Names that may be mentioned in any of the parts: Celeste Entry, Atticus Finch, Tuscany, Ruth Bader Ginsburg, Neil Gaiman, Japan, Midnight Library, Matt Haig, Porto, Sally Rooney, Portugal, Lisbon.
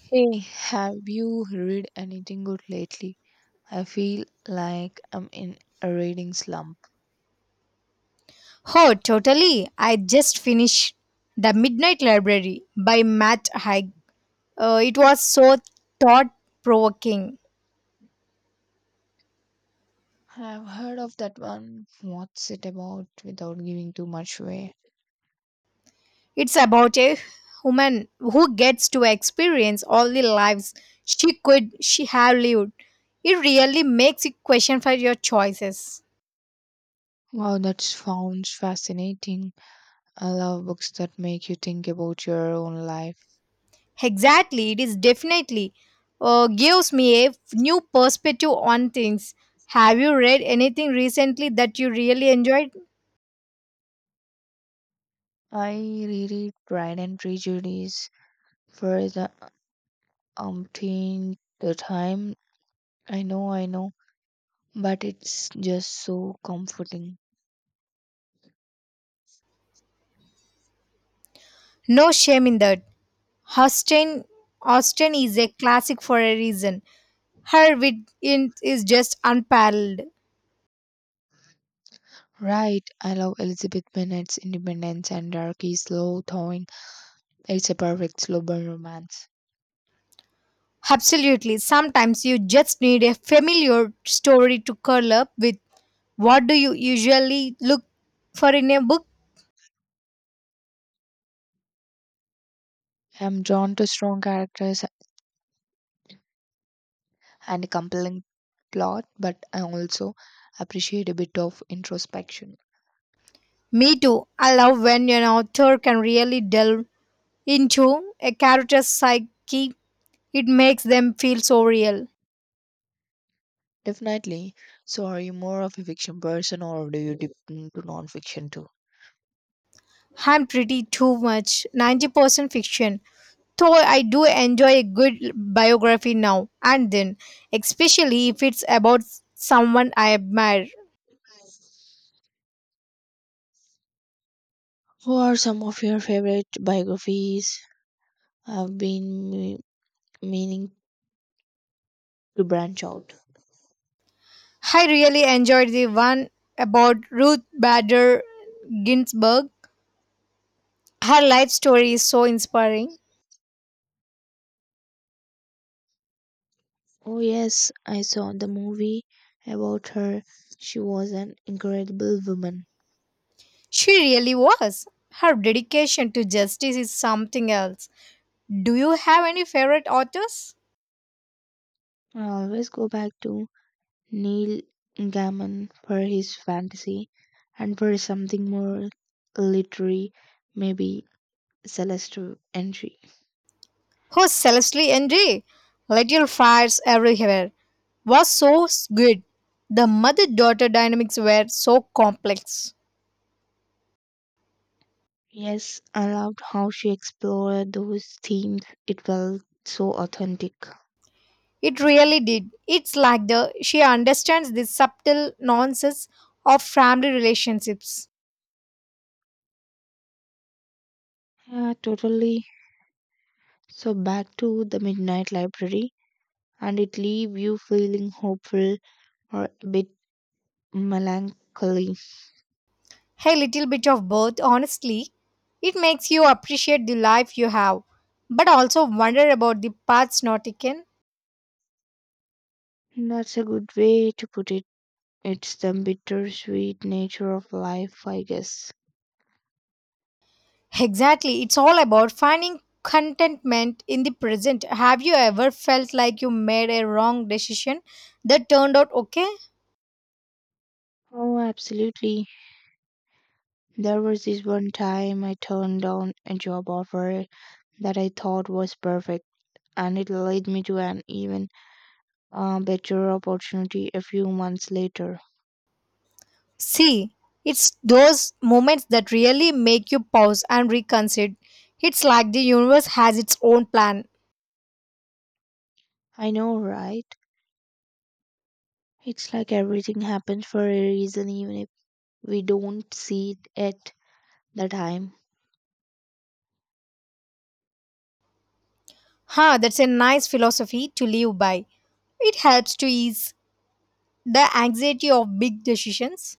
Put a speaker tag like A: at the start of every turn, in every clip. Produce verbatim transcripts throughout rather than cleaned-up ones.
A: Hey, have you read anything good lately? I feel like I'm in a reading slump.
B: Oh, totally. I just finished The Midnight Library by Matt Haig. Uh, it was so thought provoking.
A: I've heard of that one. What's it about without giving too much away?
B: It's about a woman who gets to experience all the lives she could she have lived. It really makes you question for your choices.
A: Wow, that sounds fascinating. I love books that make you think about your own life.
B: Exactly, it is definitely uh, gives me a new perspective on things. Have you read anything recently that you really enjoyed?
A: I reread Pride and Prejudice for the umpteenth time. I know, I know, but it's just so comforting.
B: No shame in that. Austin, Austin is a classic for a reason. Her wit in- is just unparalleled.
A: Right, I love Elizabeth Bennet's independence and Darky's slow thawing. It's a perfect slow burn romance.
B: Absolutely. Sometimes you just need a familiar story to curl up with. What do you usually look for in a book?
A: I'm drawn to strong characters and a compelling plot, but I also appreciate a bit of introspection.
B: Me too. I love when an author can really delve into a character's psyche. It makes them feel so real.
A: Definitely. So, are you more of a fiction person or do you dip into non-fiction too?
B: I'm pretty too much, ninety percent fiction. Though I do enjoy a good biography now and then, especially if it's about someone I admire.
A: Who are some of your favorite biographies? I've been me- meaning to branch out.
B: I really enjoyed the one about Ruth Bader Ginsburg. Her life story is so inspiring.
A: Oh, yes, I saw the movie about her. She was an incredible woman.
B: She really was. Her dedication to justice is something else. Do you have any favorite authors?
A: I always go back to Neil Gaiman for his fantasy and for something more literary, maybe Celeste Entry.
B: Oh, Celestly and little fires everywhere, was so good. The mother daughter dynamics were so complex.
A: Yes, I loved how she explored those themes. It felt so authentic.
B: It really did. It's like the she understands the subtle nuances of family relationships.
A: Yeah, totally. So back to the Midnight Library, and it leave you feeling hopeful or a bit melancholy.
B: A little bit of both, honestly. It makes you appreciate the life you have, but also wonder about the paths not taken.
A: That's a good way to put it. It's the bittersweet nature of life, I guess.
B: Exactly. It's all about finding contentment in the present. Have you ever felt like you made a wrong decision that turned out okay?
A: Oh, absolutely. There was this one time I turned down a job offer that I thought was perfect, and it led me to an even uh, better opportunity a few months later.
B: See, it's those moments that really make you pause and reconsider. It's like the universe has its own plan.
A: I know, right? It's like everything happens for a reason, even if we don't see it at the time.
B: Huh, that's a nice philosophy to live by. It helps to ease the anxiety of big decisions.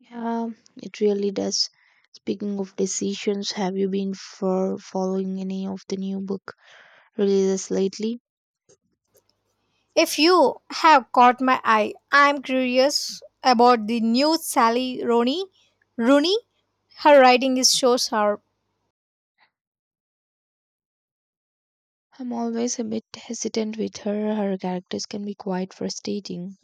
A: Yeah, it really does. Speaking of decisions, have you been for following any of the new book releases lately?
B: If you have caught my eye, I'm curious about the new Sally Rooney. Rooney, her writing is so sharp.
A: I'm always a bit hesitant with her. Her characters can be quite frustrating.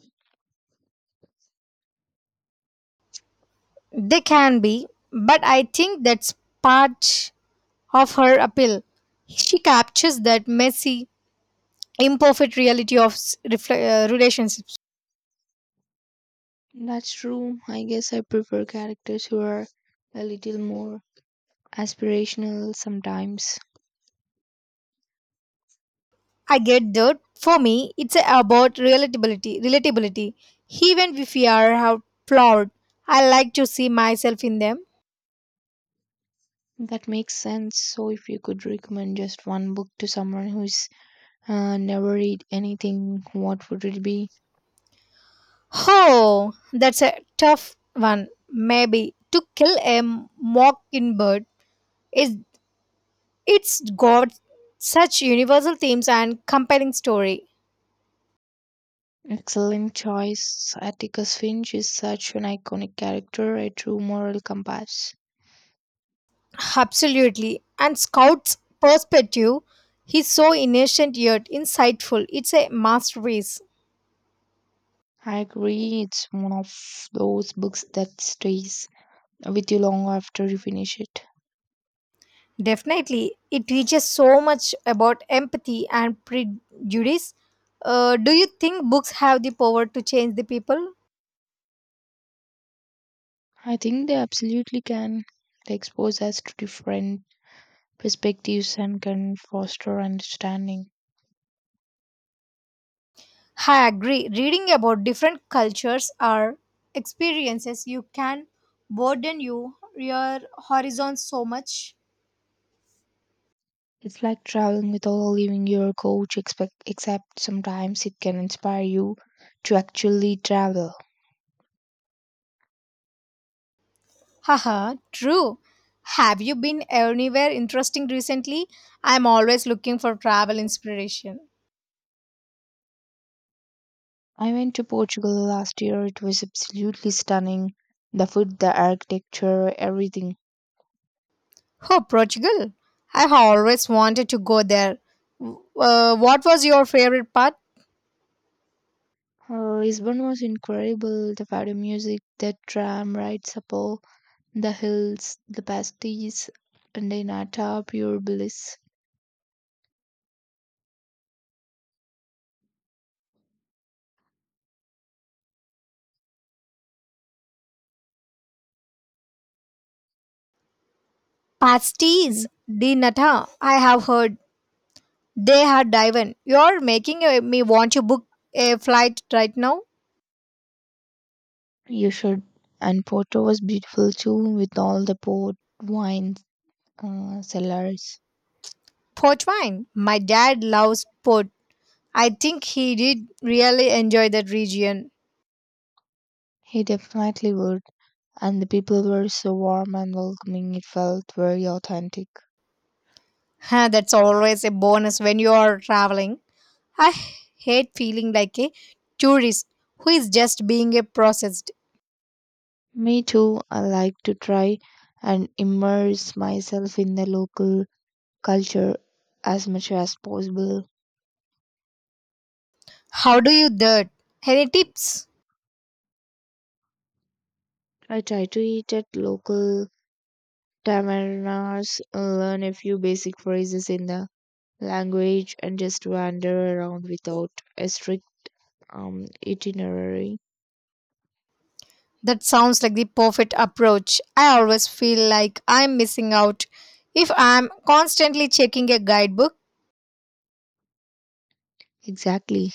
B: They can be, but I think that's part of her appeal. She captures that messy, imperfect reality of s- refle- uh, relationships.
A: That's true. I guess I prefer characters who are a little more aspirational sometimes.
B: I get that. For me, it's about relatability. Relatability, even if we are out flawed, I like to see myself in them.
A: That makes sense. So, if you could recommend just one book to someone who's uh, never read anything, what would it be?
B: Oh, that's a tough one. Maybe to kill a mockingbird is it's got such universal themes and compelling story.
A: Excellent choice. Atticus Finch is such an iconic character, a true moral compass.
B: Absolutely. And Scout's perspective, he's so innocent yet insightful. It's a masterpiece.
A: I agree, it's one of those books that stays with you long after you finish it.
B: Definitely, it teaches so much about empathy and prejudice. Uh, do you think books have the power to change the people?
A: I think they absolutely can. They expose us to different perspectives and can foster understanding.
B: I agree. Reading about different cultures or experiences, you can broaden you, your horizon so much.
A: It's like traveling without leaving your couch, expect, except sometimes it can inspire you to actually travel.
B: Haha, true. Have you been anywhere interesting recently? I'm always looking for travel inspiration.
A: I went to Portugal last year. It was absolutely stunning. The food, the architecture, everything.
B: Oh, Portugal. I always wanted to go there. Uh, what was your favorite part?
A: Uh, Lisbon was incredible. The fado music, the tram rides up all the hills, the pasties, and the nata, pure bliss.
B: Pasties
A: Nick,
B: de nata. I have heard they had diven. You're making uh, me want to book a flight right now.
A: you should. And Porto was beautiful too, with all the port wine uh, cellars.
B: Port wine. My dad loves port. I think he did really enjoy that region.
A: He definitely would, and the people were so warm and welcoming, it felt very authentic.
B: Huh, that's always a bonus when you are traveling. I hate feeling like a tourist who is just being a processed.
A: Me too, I like to try and immerse myself in the local culture as much as possible.
B: How do you that? Any tips?
A: I try to eat at local tavernas, learn a few basic phrases in the language, and just wander around without a strict um, itinerary.
B: That sounds like the perfect approach. I always feel like I'm missing out if I'm constantly checking a guidebook.
A: Exactly.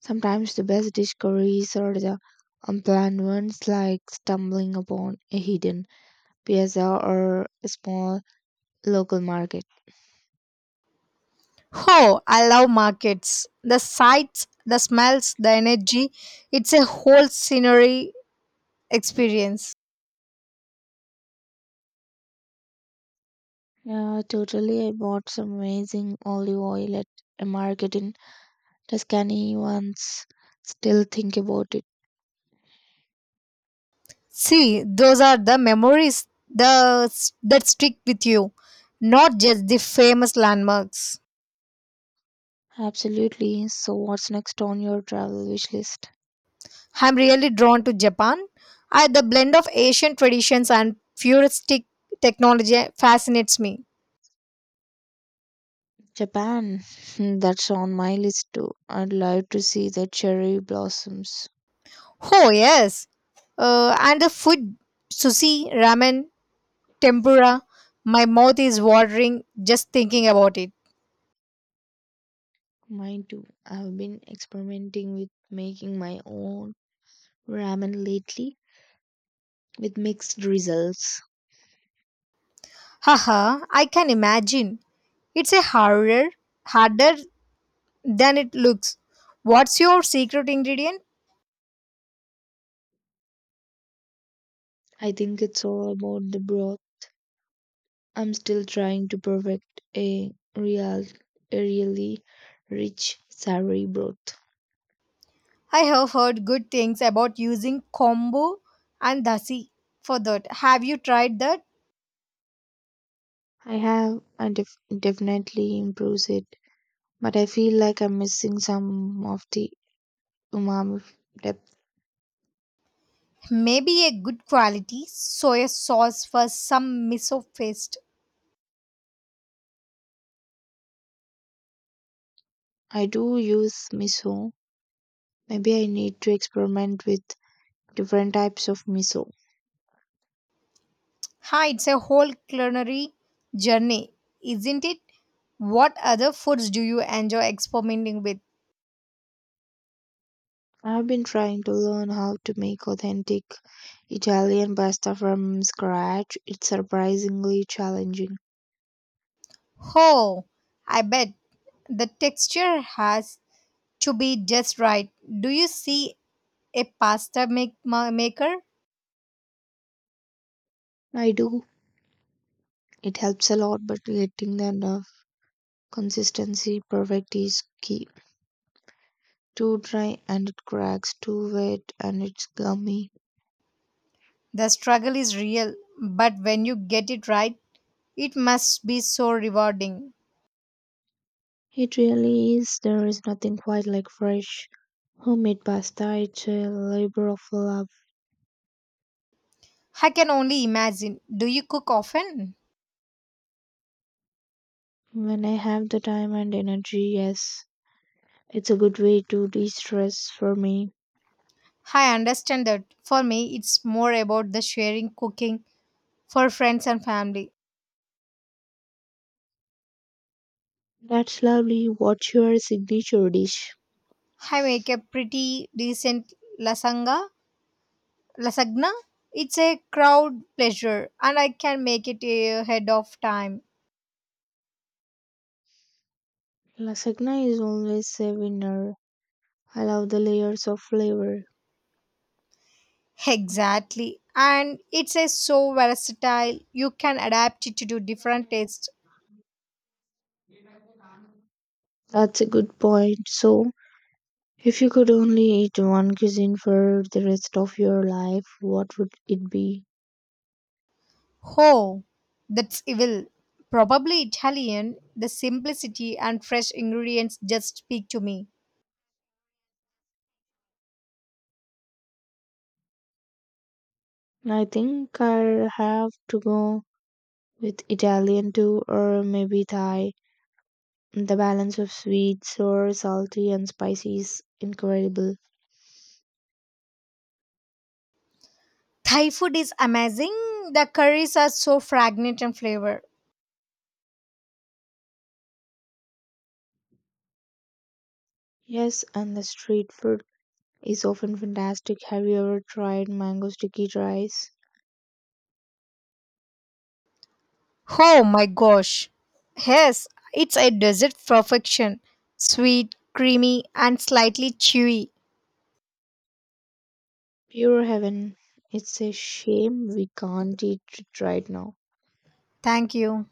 A: Sometimes the best discoveries are the unplanned ones, like stumbling upon a hidden piazza or a small local market.
B: Oh, I love markets. The sights, the smells, the energy. It's a whole scenery experience.
A: Yeah, totally. I bought some amazing olive oil at a market in Tuscany once. Still think about it.
B: See, those are the memories the, that stick with you, not just the famous landmarks.
A: Absolutely. So, what's next on your travel wish list?
B: I'm really drawn to Japan. I, the blend of Asian traditions and futuristic technology fascinates me.
A: Japan. That's on my list too. I'd love to see the cherry blossoms.
B: Oh, yes. Uh, and the food, sushi, ramen, tempura, my mouth is watering just thinking about it.
A: Mine too. I've been experimenting with making my own ramen lately with mixed results.
B: Haha, I can imagine. It's a harder, harder than it looks. What's your secret ingredient?
A: I think it's all about the broth. I'm still trying to perfect a real, a really rich savory broth.
B: I have heard good things about using kombu and dasi for that. Have you tried that?
A: I have and def- definitely improves it, but I feel like I'm missing some of the umami depth.
B: Maybe a good quality soy sauce for some miso paste.
A: I do use miso. Maybe I need to experiment with different types of miso.
B: Hi, it's a whole culinary journey, isn't it? What other foods do you enjoy experimenting with?
A: I've been trying to learn how to make authentic Italian pasta from scratch. It's surprisingly challenging.
B: Oh, I bet. The texture has to be just right. Do you see a pasta make, ma- maker?
A: I do. It helps a lot, but getting the uh, consistency perfect is key. Too dry and it cracks, too wet and it's gummy.
B: The struggle is real, but when you get it right, it must be so rewarding.
A: It really is. There is nothing quite like fresh homemade pasta. It's a labor of love.
B: I can only imagine. Do you cook often?
A: When I have the time and energy, yes, it's a good way to de stress for me.
B: I understand that. For me, it's more about the sharing cooking for friends and family.
A: That's lovely. What's your signature dish?
B: I make a pretty decent lasagna, lasagna it's a crowd pleasure, and I can make it ahead of time.
A: Lasagna is always a winner. I love the layers of flavor.
B: Exactly, and it's a so versatile, you can adapt it to do different tastes.
A: That's a good point. So, if you could only eat one cuisine for the rest of your life, what would it be?
B: Oh, that's evil. Probably Italian, the simplicity and fresh ingredients just speak to me.
A: I think I'll have to go with Italian too, or maybe Thai. The balance of sweet, sour, salty, and spicy is incredible.
B: Thai food is amazing, the curries are so fragrant in flavor.
A: Yes, and the street food is often fantastic. Have you ever tried mango sticky rice?
B: Oh my gosh. Yes, it's a dessert perfection. Sweet, creamy, and slightly chewy.
A: Pure heaven. It's a shame we can't eat it right now.
B: Thank you.